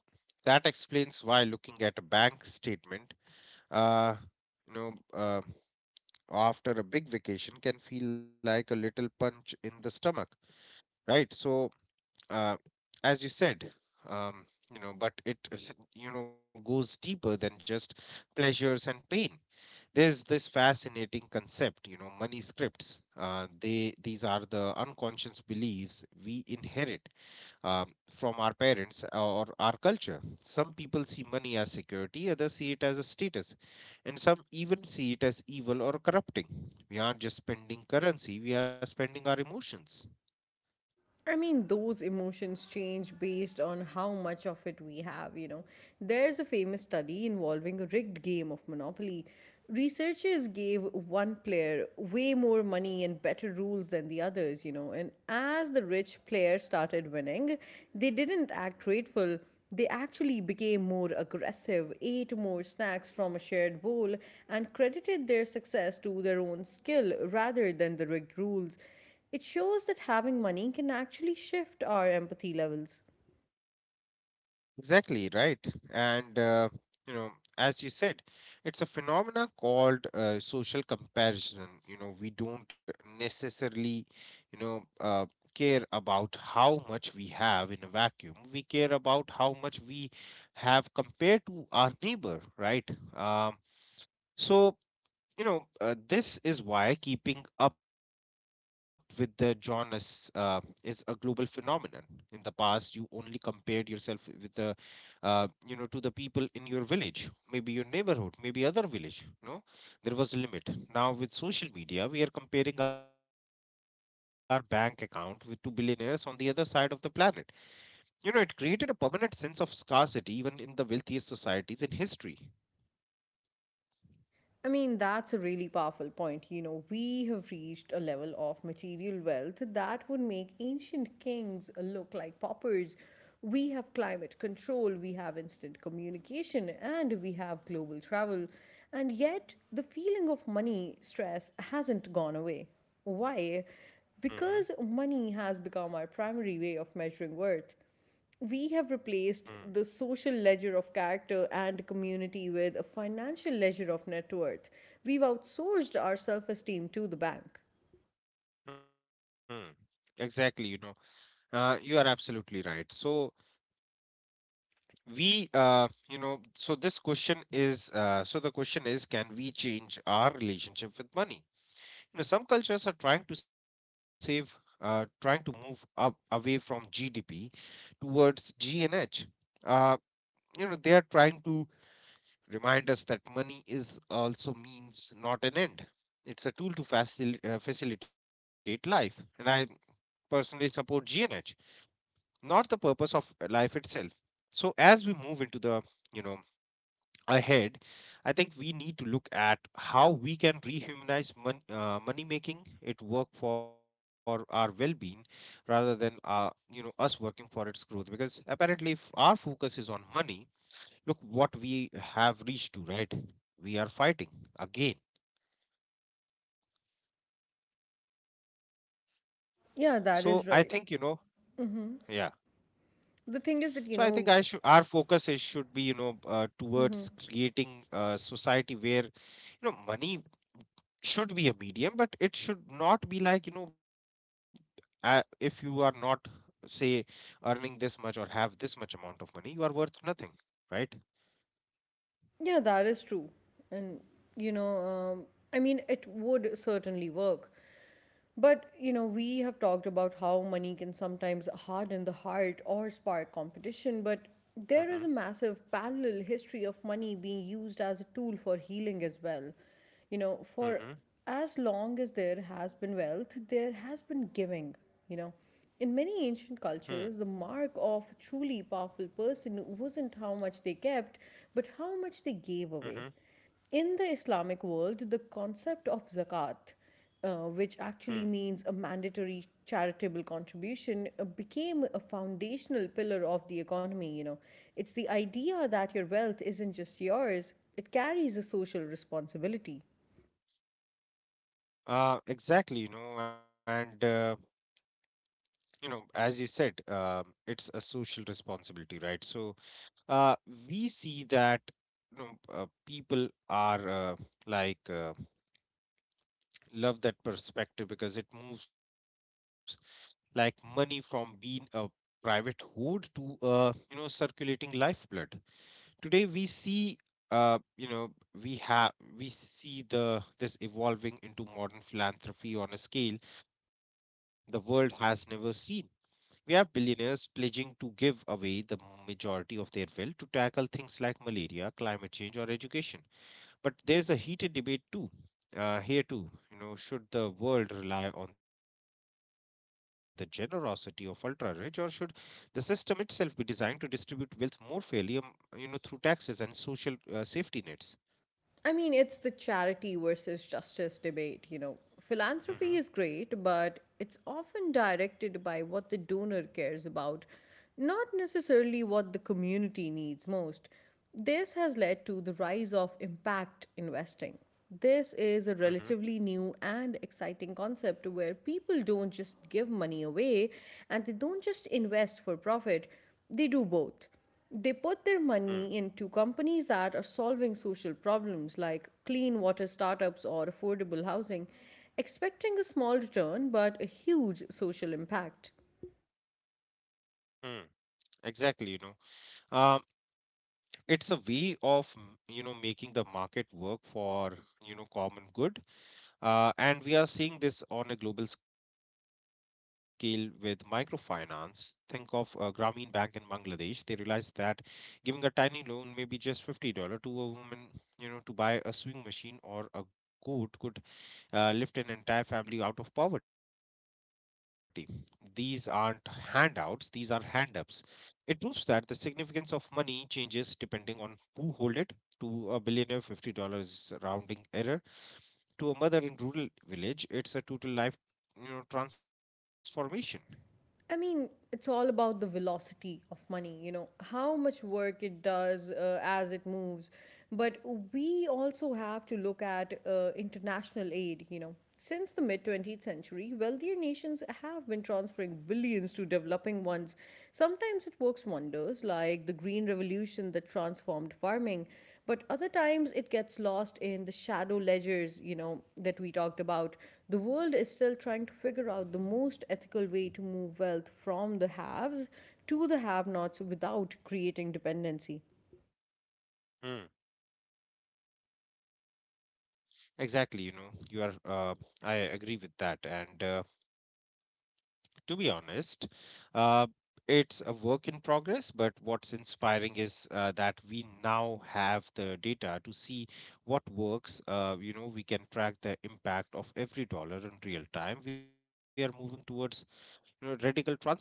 Speaker 2: that explains why looking at a bank statement, uh, you know, uh, after a big vacation can feel like a little punch in the stomach, right? So, uh, as you said, um, you know, but it, [laughs] you know, goes deeper than just pleasures and pain. There's this fascinating concept, you know, money scripts. Uh, they these are the unconscious beliefs we inherit um, from our parents uh, or our culture. Some people see money as security, others see it as a status, and some even see it as evil or corrupting. We aren't just spending currency, we are spending our emotions.
Speaker 1: I mean, those emotions change based on how much of it we have, you know. There's a famous study involving a rigged game of Monopoly. Researchers gave one player way more money and better rules than the others, you know. And as the rich player started winning, they didn't act grateful. They actually became more aggressive, ate more snacks from a shared bowl, and credited their success to their own skill rather than the rigged rules. It shows that having money can actually shift our empathy levels.
Speaker 2: Exactly, right. And, uh, you know, as you said, it's a phenomena called uh, social comparison. You know, we don't necessarily, you know, uh, care about how much we have in a vacuum. We care about how much we have compared to our neighbor, right? Um, so, you know, uh, this is why keeping up with the Jonas uh, is a global phenomenon. In the past, you only compared yourself with the uh, you know to the people in your village, maybe your neighborhood, maybe other village. No, there was a limit. Now with social media we are comparing our bank account with two billionaires on the other side of the planet. You know, it created a permanent sense of scarcity even in the wealthiest societies in history.
Speaker 1: I mean, that's a really powerful point. You know, we have reached a level of material wealth that would make ancient kings look like paupers. We have climate control, we have instant communication, and we have global travel. And yet, the feeling of money stress hasn't gone away. Why?
Speaker 2: hmm
Speaker 1: Because money has become our primary way of measuring worth. We have
Speaker 2: Mm.
Speaker 1: replaced the social ledger of character and community with a financial ledger of net worth. We've outsourced our self esteem to the bank.
Speaker 2: Mm, exactly, you know uh, you are absolutely right. So we uh, you know so this question is uh, so the question is, can we change our relationship with money? You know, some cultures are trying to save, uh, trying to move up away from G D P towards G N H. Uh, you know, they are trying to remind us that money is also means, not an end. It's a tool to facil- uh, facilitate life, and I personally support G N H, not the purpose of uh, life itself. So as we move into the you know ahead, I think we need to look at how we can rehumanize mon- uh, money, making it work for our well-being rather than uh, you know us working for its growth. Because apparently, if our focus is on money, look what we have reached to, right? We are fighting again. So I
Speaker 1: Yeah,
Speaker 2: think,
Speaker 1: that
Speaker 2: you
Speaker 1: is
Speaker 2: know,
Speaker 1: right.
Speaker 2: yeah.
Speaker 1: The
Speaker 2: So I
Speaker 1: thing
Speaker 2: think
Speaker 1: is that,
Speaker 2: I
Speaker 1: you
Speaker 2: should
Speaker 1: know,
Speaker 2: our focus is should be you know uh, towards creating a society where you know money should be a medium, but it should not be like, you know, uh, if you are not, say, earning this much or have this much amount of money, you are worth nothing, right?
Speaker 1: yeah, that is true. And, you know, um, I mean, it would certainly work. But, you know, we have talked about how money can sometimes harden the heart or spark competition, but
Speaker 2: Mm-hmm.
Speaker 1: there is a massive parallel history of money being used as a tool for healing as well. You know,
Speaker 2: Mm-hmm.
Speaker 1: for as long as there has been wealth, there has been giving, you know. In
Speaker 2: Mm.
Speaker 1: many ancient cultures, the mark of a truly powerful person wasn't how much they kept, but how much they
Speaker 2: Mm-hmm.
Speaker 1: gave away. In the Islamic world, the concept of zakat, uh, which
Speaker 2: Mm.
Speaker 1: actually means a mandatory charitable contribution, uh, became a foundational pillar of the economy. You know, it's the idea that your wealth isn't just yours; it carries a social responsibility.
Speaker 2: Uh, exactly, you know, and uh, you know, as you said, um, it's a social responsibility, right? So, uh, we see that you know uh, people are uh, like uh, love that perspective because it moves like money from being a private hoard to a, you know, circulating lifeblood. Today we see, uh you know we have, we see the this evolving into modern philanthropy on a scale the world has never seen. We have billionaires pledging to give away the majority of their wealth to tackle things like malaria, climate change or education. But there is a heated debate too. Uh, here too, you know, should the world rely on the generosity of ultra rich, or should the system itself be designed to distribute wealth more fairly, um, you know, through taxes and social uh, safety nets?
Speaker 1: I mean, it's the charity versus justice debate, you know.
Speaker 2: hmm
Speaker 1: Philanthropy is great, but it's often directed by what the donor cares about, not necessarily what the community needs most. This has led to the rise of impact investing. This is a relatively new and exciting concept where people don't just give money away and they don't just invest for profit, they do both. They put their
Speaker 2: mm
Speaker 1: money into companies that are solving social problems like clean water startups or affordable housing, expecting a small return but a huge social impact.
Speaker 2: mm. Exactly, you know, um, it's a way of m- you know, making the market work for, you know, common good. Uh, and we are seeing this on a global scale with microfinance. Think of uh, Grameen Bank in Bangladesh. They realized that giving a tiny loan, maybe just fifty dollars to a woman, you know, to buy a sewing machine or a goat, could uh, lift an entire family out of poverty. These aren't handouts, these are hand ups. It proves that the significance of money changes depending on who hold it. To a billionaire, fifty dollars rounding error, to a mother in rural village it's a total life, you know, transformation.
Speaker 1: I mean, it's all about the velocity of money, you know, how much work it does uh, as it moves. But we also have to look at uh, international aid, you know. Since the mid twentieth century, wealthier nations have been transferring billions to developing ones. Sometimes it works wonders, like the Green Revolution that transformed farming. But other times it gets lost in the shadow ledgers, you know, that we talked about. The world is still trying to figure out the most ethical way to move wealth from the haves to the have nots without creating dependency.
Speaker 2: Mm. Exactly, you know, you are, uh, I agree with that. And uh, To be honest, uh, it's a work in progress, but what's inspiring is uh, that we now have the data to see what works. Uh, you know, we can track the impact of every dollar in real time. We are moving towards, you know, radical transparency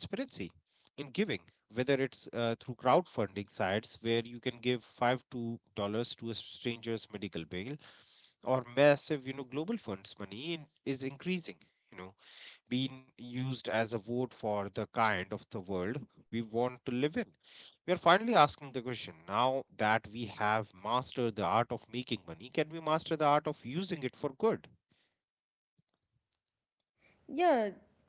Speaker 2: in giving, whether it's uh, through crowdfunding sites where you can give five two dollars to a stranger's medical bill, or massive, you know, global funds money in, is increasing. You know, being used as a vote for the kind of the world we want to live in. We are finally asking the question, now that we have mastered the art of making money, can we master the art of using it for good?
Speaker 1: Yeah,
Speaker 2: Which,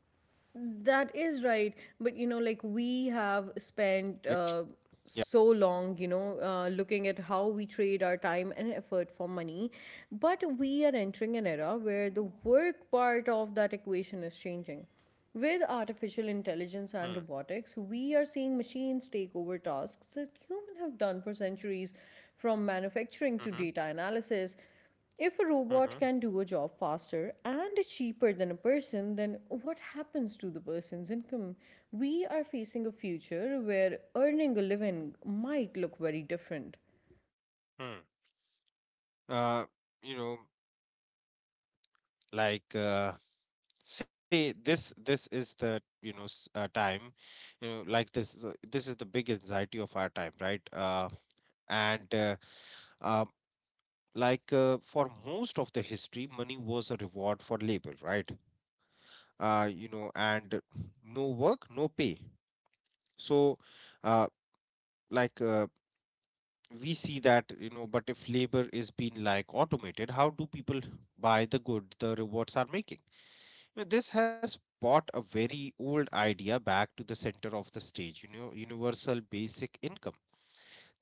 Speaker 2: yeah.
Speaker 1: that is right. But, you know, like we have spent uh, so long, you know, uh, looking at how we trade our time and effort for money. But we are entering an era where the work part of that equation is changing. With
Speaker 2: Mm,
Speaker 1: artificial intelligence and robotics, we are seeing machines take over tasks that humans have done for centuries, from
Speaker 2: mhm,
Speaker 1: manufacturing to data analysis. If a
Speaker 2: mhm,
Speaker 1: robot can do a job faster and cheaper than a person, then what happens to the person's income? We are facing a future where earning a living might look very different.
Speaker 2: mm. Uh, you know, like uh, See, this this is the you know s- uh, time you know like this is, uh, this is the big anxiety of our time, right? uh, and uh, uh, like uh, For most of the history, money was a reward for labor, right? uh, you know and No work, no pay. So, uh, like uh, we see that, you know, but if labor is being like automated, how do people buy the good the rewards are making? Now, this has brought a very old idea back to the center of the stage, you know, universal basic income.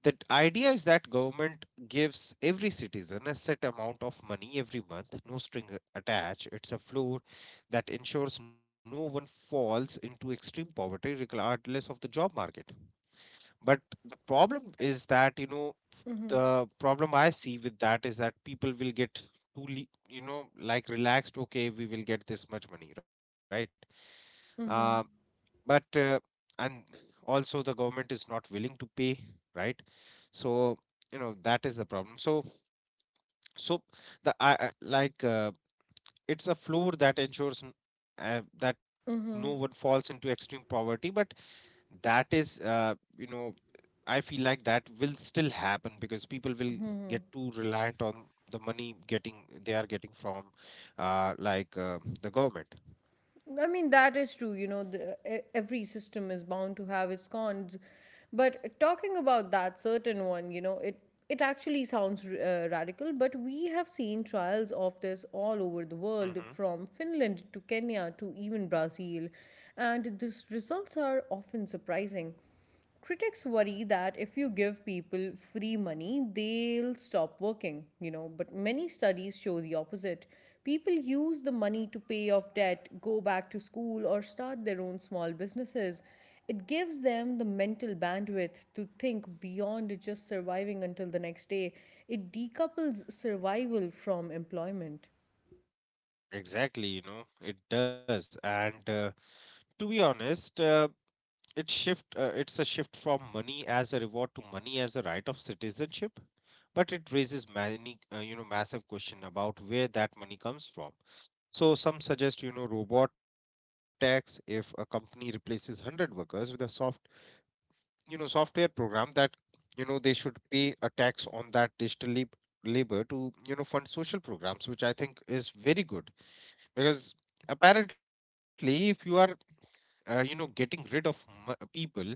Speaker 2: The idea is that government gives every citizen a set amount of money every month, no string attached. It's a floor that ensures no one falls into extreme poverty regardless of the job market. But the problem is that, you know,
Speaker 1: Mm-hmm.
Speaker 2: the problem I see with that is that people will get too, le- you know, like relaxed, okay, we will get this much money, right? uh,
Speaker 1: Mm-hmm.
Speaker 2: but uh, And also the government is not willing to pay, right? So, you know, that is the problem. So, so the I I- like uh, it's a floor that ensures n- uh, that no one falls into extreme poverty, but that is, uh, you know I feel like that will still happen because people will get too reliant on the money getting they are getting from uh, like uh, the government.
Speaker 1: I mean, that is true. You know, the, e- every system is bound to have its cons. But talking about that certain one, you know, it it actually sounds uh, radical, but we have seen trials of this all over the world,
Speaker 2: Mm-hmm.
Speaker 1: from Finland to Kenya to even Brazil, and the results are often surprising. Critics worry that if you give people free money, they'll stop working, you know, but many studies show the opposite. People use the money to pay off debt, go back to school, or start their own small businesses. It gives them the mental bandwidth to think beyond just surviving until the next day. It decouples survival from employment.
Speaker 2: Exactly, you know, it does. And uh, To be honest, uh, it shift uh, it's a shift from money as a reward to money as a right of citizenship, but it raises many, uh, you know massive question about where that money comes from. So some suggest, you know, robot tax. If a company replaces one hundred workers with a software you know software program that, you know, they should pay a tax on that digital lab- labor to, you know, fund social programs, which I think is very good. Because apparently, if you are uh, you know getting rid of m- people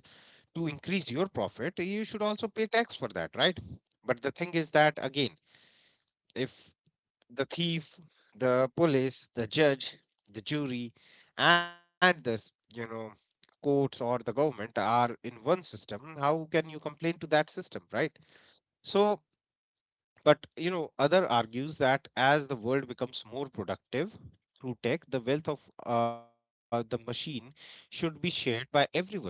Speaker 2: to increase your profit, you should also pay tax for that, right? But the thing is that again, if the thief, the police, the judge, the jury, and this, you know, courts or the government are in one system, how can you complain to that system, right? So, but you know, other argues that as the world becomes more productive through tech, the wealth of uh, the machine should be shared by everyone, not just the,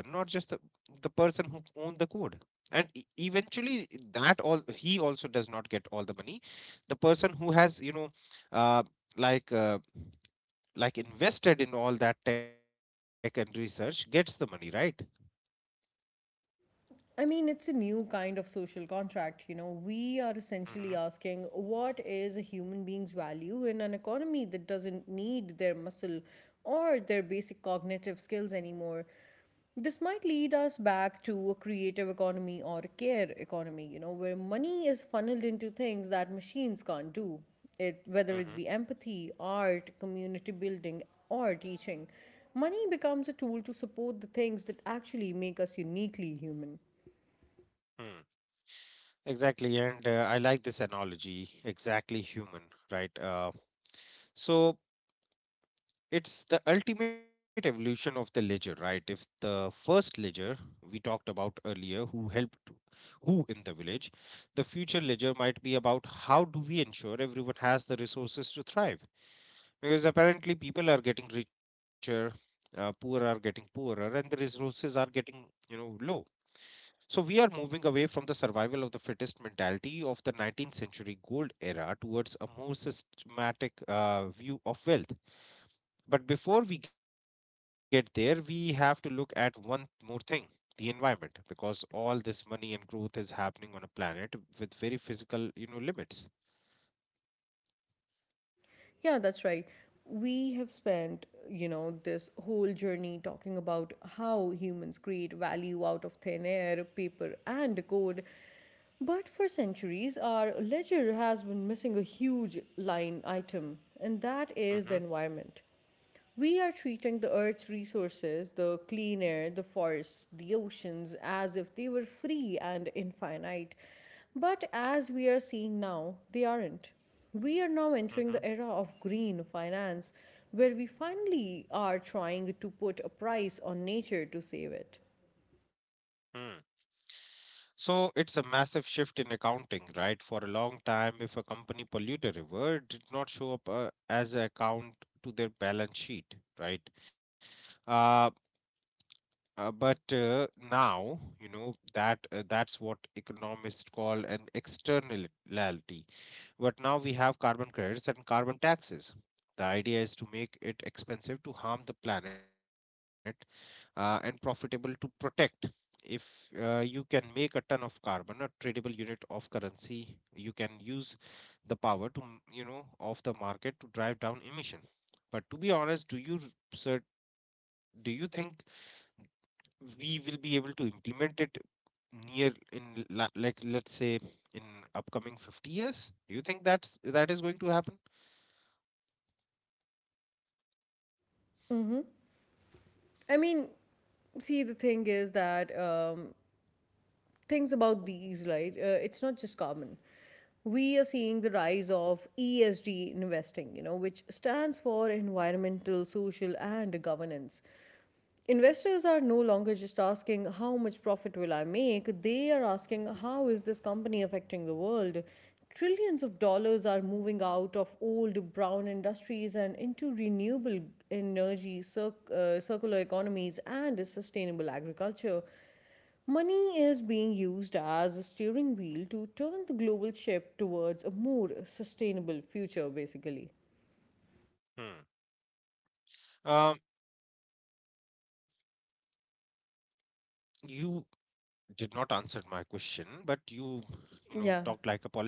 Speaker 2: the person who owned the code. And e- eventually, that all he also does not get all the money. The person who has, you know, uh, like uh, like invested in all that tech and research gets the money, right?
Speaker 1: I mean, it's a new kind of social contract. You know, we are
Speaker 2: hmm
Speaker 1: essentially asking what is a human being's value in an economy that doesn't need their muscle or their basic cognitive skills anymore. This might lead us back to a creative economy or a care economy, you know, where money is funneled into things that machines can't do, it,
Speaker 2: hmm
Speaker 1: whether it be empathy, art, community building, or teaching. Money becomes a tool to support the things that actually make us uniquely human.
Speaker 2: Hmm. Exactly, and uh, I like this analogy. Exactly human, right? Uh, So it's the ultimate evolution of the ledger, right? If the first ledger we talked about earlier, who helped who in the village, the future ledger might be about how do we ensure everyone has the resources to thrive? Because apparently people are getting richer, uh, poor are getting poorer, and the resources are getting you know low. So we are moving away from the survival of the fittest mentality of the nineteenth century gold era towards a more systematic uh, view of wealth. But before we get there, we have to look at one more thing, the environment, because all this money and growth is happening on a planet with very physical, you know, limits.
Speaker 1: Yeah, that's right. We have spent, you know, this whole journey talking about how humans create value out of thin air, paper, and code. But for centuries, our ledger has been missing a huge line item, and that
Speaker 2: Mm-hmm.
Speaker 1: is the environment. We are treating the earth's resources, the clean air, the forests, the oceans, as if they were free and infinite. But as we are seeing now, they aren't. We are now
Speaker 2: mm-hmm,
Speaker 1: entering the era of green finance, where we finally are trying to put a price on nature to save it.
Speaker 2: mm. So it's a massive shift in accounting, right? For a long time, if a company polluted a river, it did not show up uh, as an account to their balance sheet, right? Uh, uh, but uh, now, you know, that uh, that's what economists call an externality. But now we have carbon credits and carbon taxes. The idea is to make it expensive to harm the planet uh, and profitable to protect. If uh, you can make a ton of carbon a tradable unit of currency, you can use the power, to you know of the market to drive down emission. But to be honest, do you, sir, do you think we will be able to implement it near in la- like let's say in upcoming fifty years? Do you think that's that is going to happen?
Speaker 1: I mean, see, the thing is that um, things about these, right? Uh, it's not just carbon. We are seeing the rise of E S G investing, you know, which stands for environmental, social, and governance. Investors are no longer just asking how much profit will I make, they are asking how is this company affecting the world. Trillions of dollars are moving out of old brown industries and into renewable energy, circ- uh, circular economies, and sustainable agriculture. Money is being used as a steering wheel to turn the global ship towards a more sustainable future, basically.
Speaker 2: Hmm. Uh, you did not answer my question, but you, you know, talked like a
Speaker 1: Yeah.
Speaker 2: politician.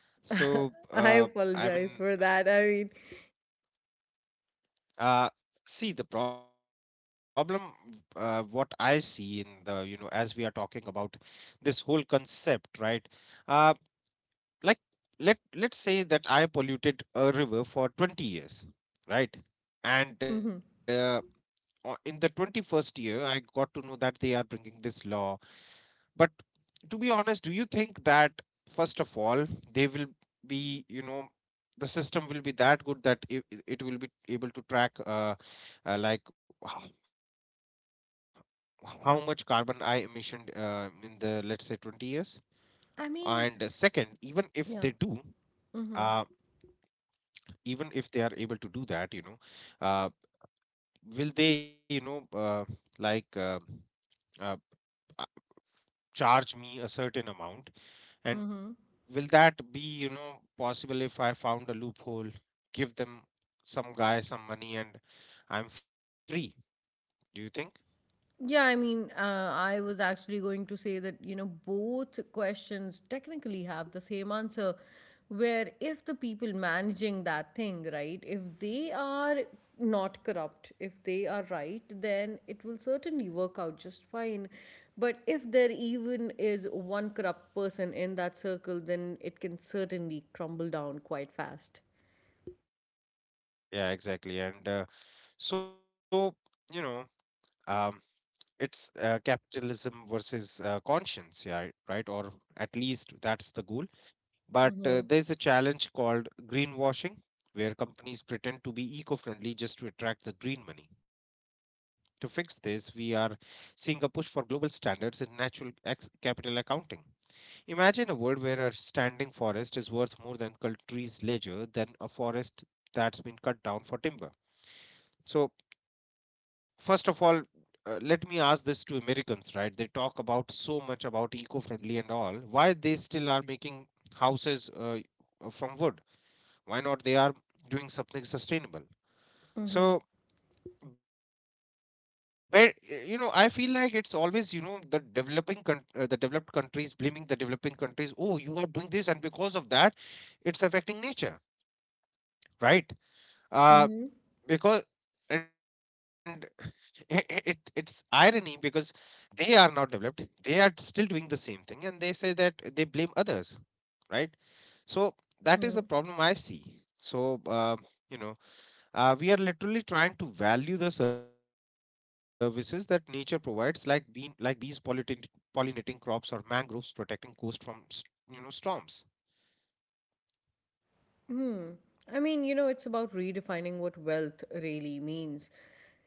Speaker 2: So,
Speaker 1: [laughs] I
Speaker 2: uh, I mean,
Speaker 1: apologize for that. I mean,
Speaker 2: uh, see the problem. Uh, what I see in the, you know, as we are talking about this whole concept, right? Uh, like let let's say that I polluted a river for twenty years, right? And uh, o- in the twenty-first year, I got to know that they are bringing this law. But to be honest, do you think that first of all they will be, you know, the system will be that good that it, it will be able to track, uh, uh, like how, how much carbon I emissioned uh, in the let's say twenty years? And uh,
Speaker 1: I
Speaker 2: second,
Speaker 1: mean,
Speaker 2: even if they do,
Speaker 1: yeah.
Speaker 2: uh,
Speaker 1: Mm-hmm.
Speaker 2: even if they are able to do that, you know, uh, will they, you know, uh, like uh, uh, uh, charge me a certain amount? And
Speaker 1: Mm-hmm.
Speaker 2: will that be, you know, possible? If I found a loophole, give them some guy some money and I'm free? Do you think?
Speaker 1: Yeah, I mean, uh, I was actually going to say that, you know, both questions technically have the same answer, where if the people managing that thing, right, if they are not corrupt, if they are right, then it will certainly work out just fine. But if there even is one corrupt person in that circle, then it can certainly crumble down quite fast.
Speaker 2: Yeah, exactly. And uh, so, you know, um, it's uh, capitalism versus uh, conscience, yeah, right? Or at least that's the goal. But uh, there's a challenge called greenwashing, where companies pretend to be eco friendly just to attract the green money. To fix this, we are seeing a push for global standards in natural ex- capital accounting. Imagine a world where a standing forest is worth more than country's leisure than a forest that's been cut down for timber. So, first of all, uh, let me ask this to Americans, right? They talk about so much about eco-friendly and all. Why they still are making houses uh, uh, from wood? Why not they are doing something sustainable? So, but uh, you know, I feel like it's always, you know, the developing con- uh, the developed countries blaming the developing countries, oh you are doing this and because of that it's affecting nature, right. uh
Speaker 1: Hmm.
Speaker 2: because and [sighs] [laughs] i- i- it it's irony because they are now developed, they are still doing the same thing and they say that they blame others, right. So that is the problem I see. So uh, you know, uh, we are literally trying to value the services that nature provides, like bean like bees pollinating pollinating crops or mangroves protecting coast from s- you know storms.
Speaker 1: I mean, you know, it's about redefining what wealth really means.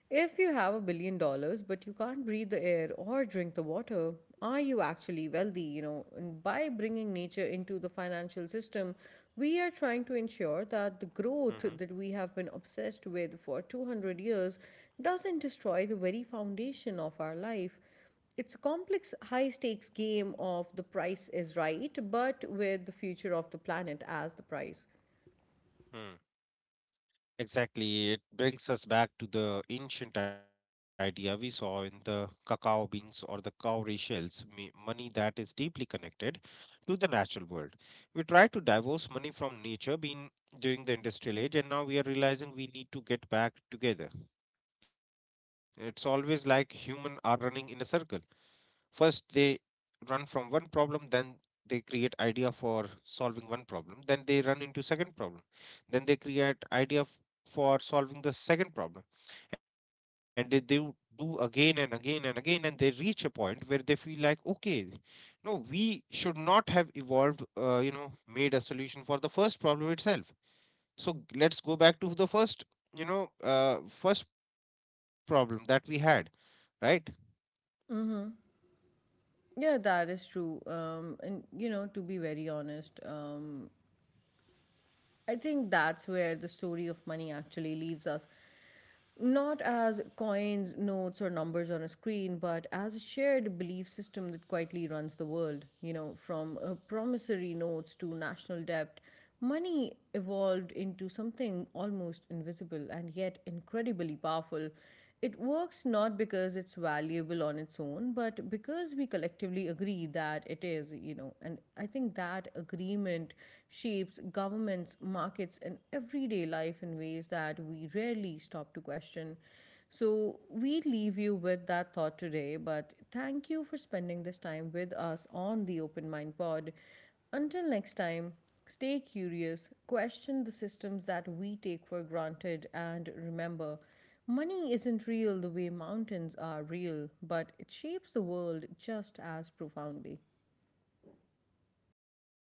Speaker 1: If you have a billion dollars but you can't breathe the air or drink the water, are you actually wealthy? You know, and by bringing nature into the financial system, we are trying to ensure that the growth that we have been obsessed with for two hundred years doesn't destroy the very foundation of our life. It's a complex, high stakes game of the price is right, but with the future of the planet as the price.
Speaker 2: Mm-hmm. Exactly, it brings us back to the ancient idea we saw in the cacao beans or the cowrie shells, me- money that is deeply connected to the natural world. We try to divorce money from nature being during the industrial age and now we are realizing we need to get back together. It's always like human are running in a circle. First they run from one problem, then they create idea for solving one problem, then they run into second problem, then they create idea f- for solving the second problem, and they do do again and again and again, and they reach a point where they feel like, okay, no, we should not have evolved, uh, you know, made a solution for the first problem itself. So let's go back to the first, you know, uh, first problem that we had, right?
Speaker 1: Yeah, that is true. Um, and you know, to be very honest, um, I think that's where the story of money actually leaves us. Not as coins, notes, or numbers on a screen, but as a shared belief system that quietly runs the world. You know, from uh, promissory notes to national debt, money evolved into something almost invisible and yet incredibly powerful. It works not because it's valuable on its own, but because we collectively agree that it is, you know. And I think that agreement shapes governments, markets, and everyday life in ways that we rarely stop to question. So we leave you with that thought today, but thank you for spending this time with us on the Open Mind Pod. Until next time, stay curious, question the systems that we take for granted, and remember, money isn't real the way mountains are real, but it shapes the world just as profoundly.
Speaker 2: Yeah, thank you.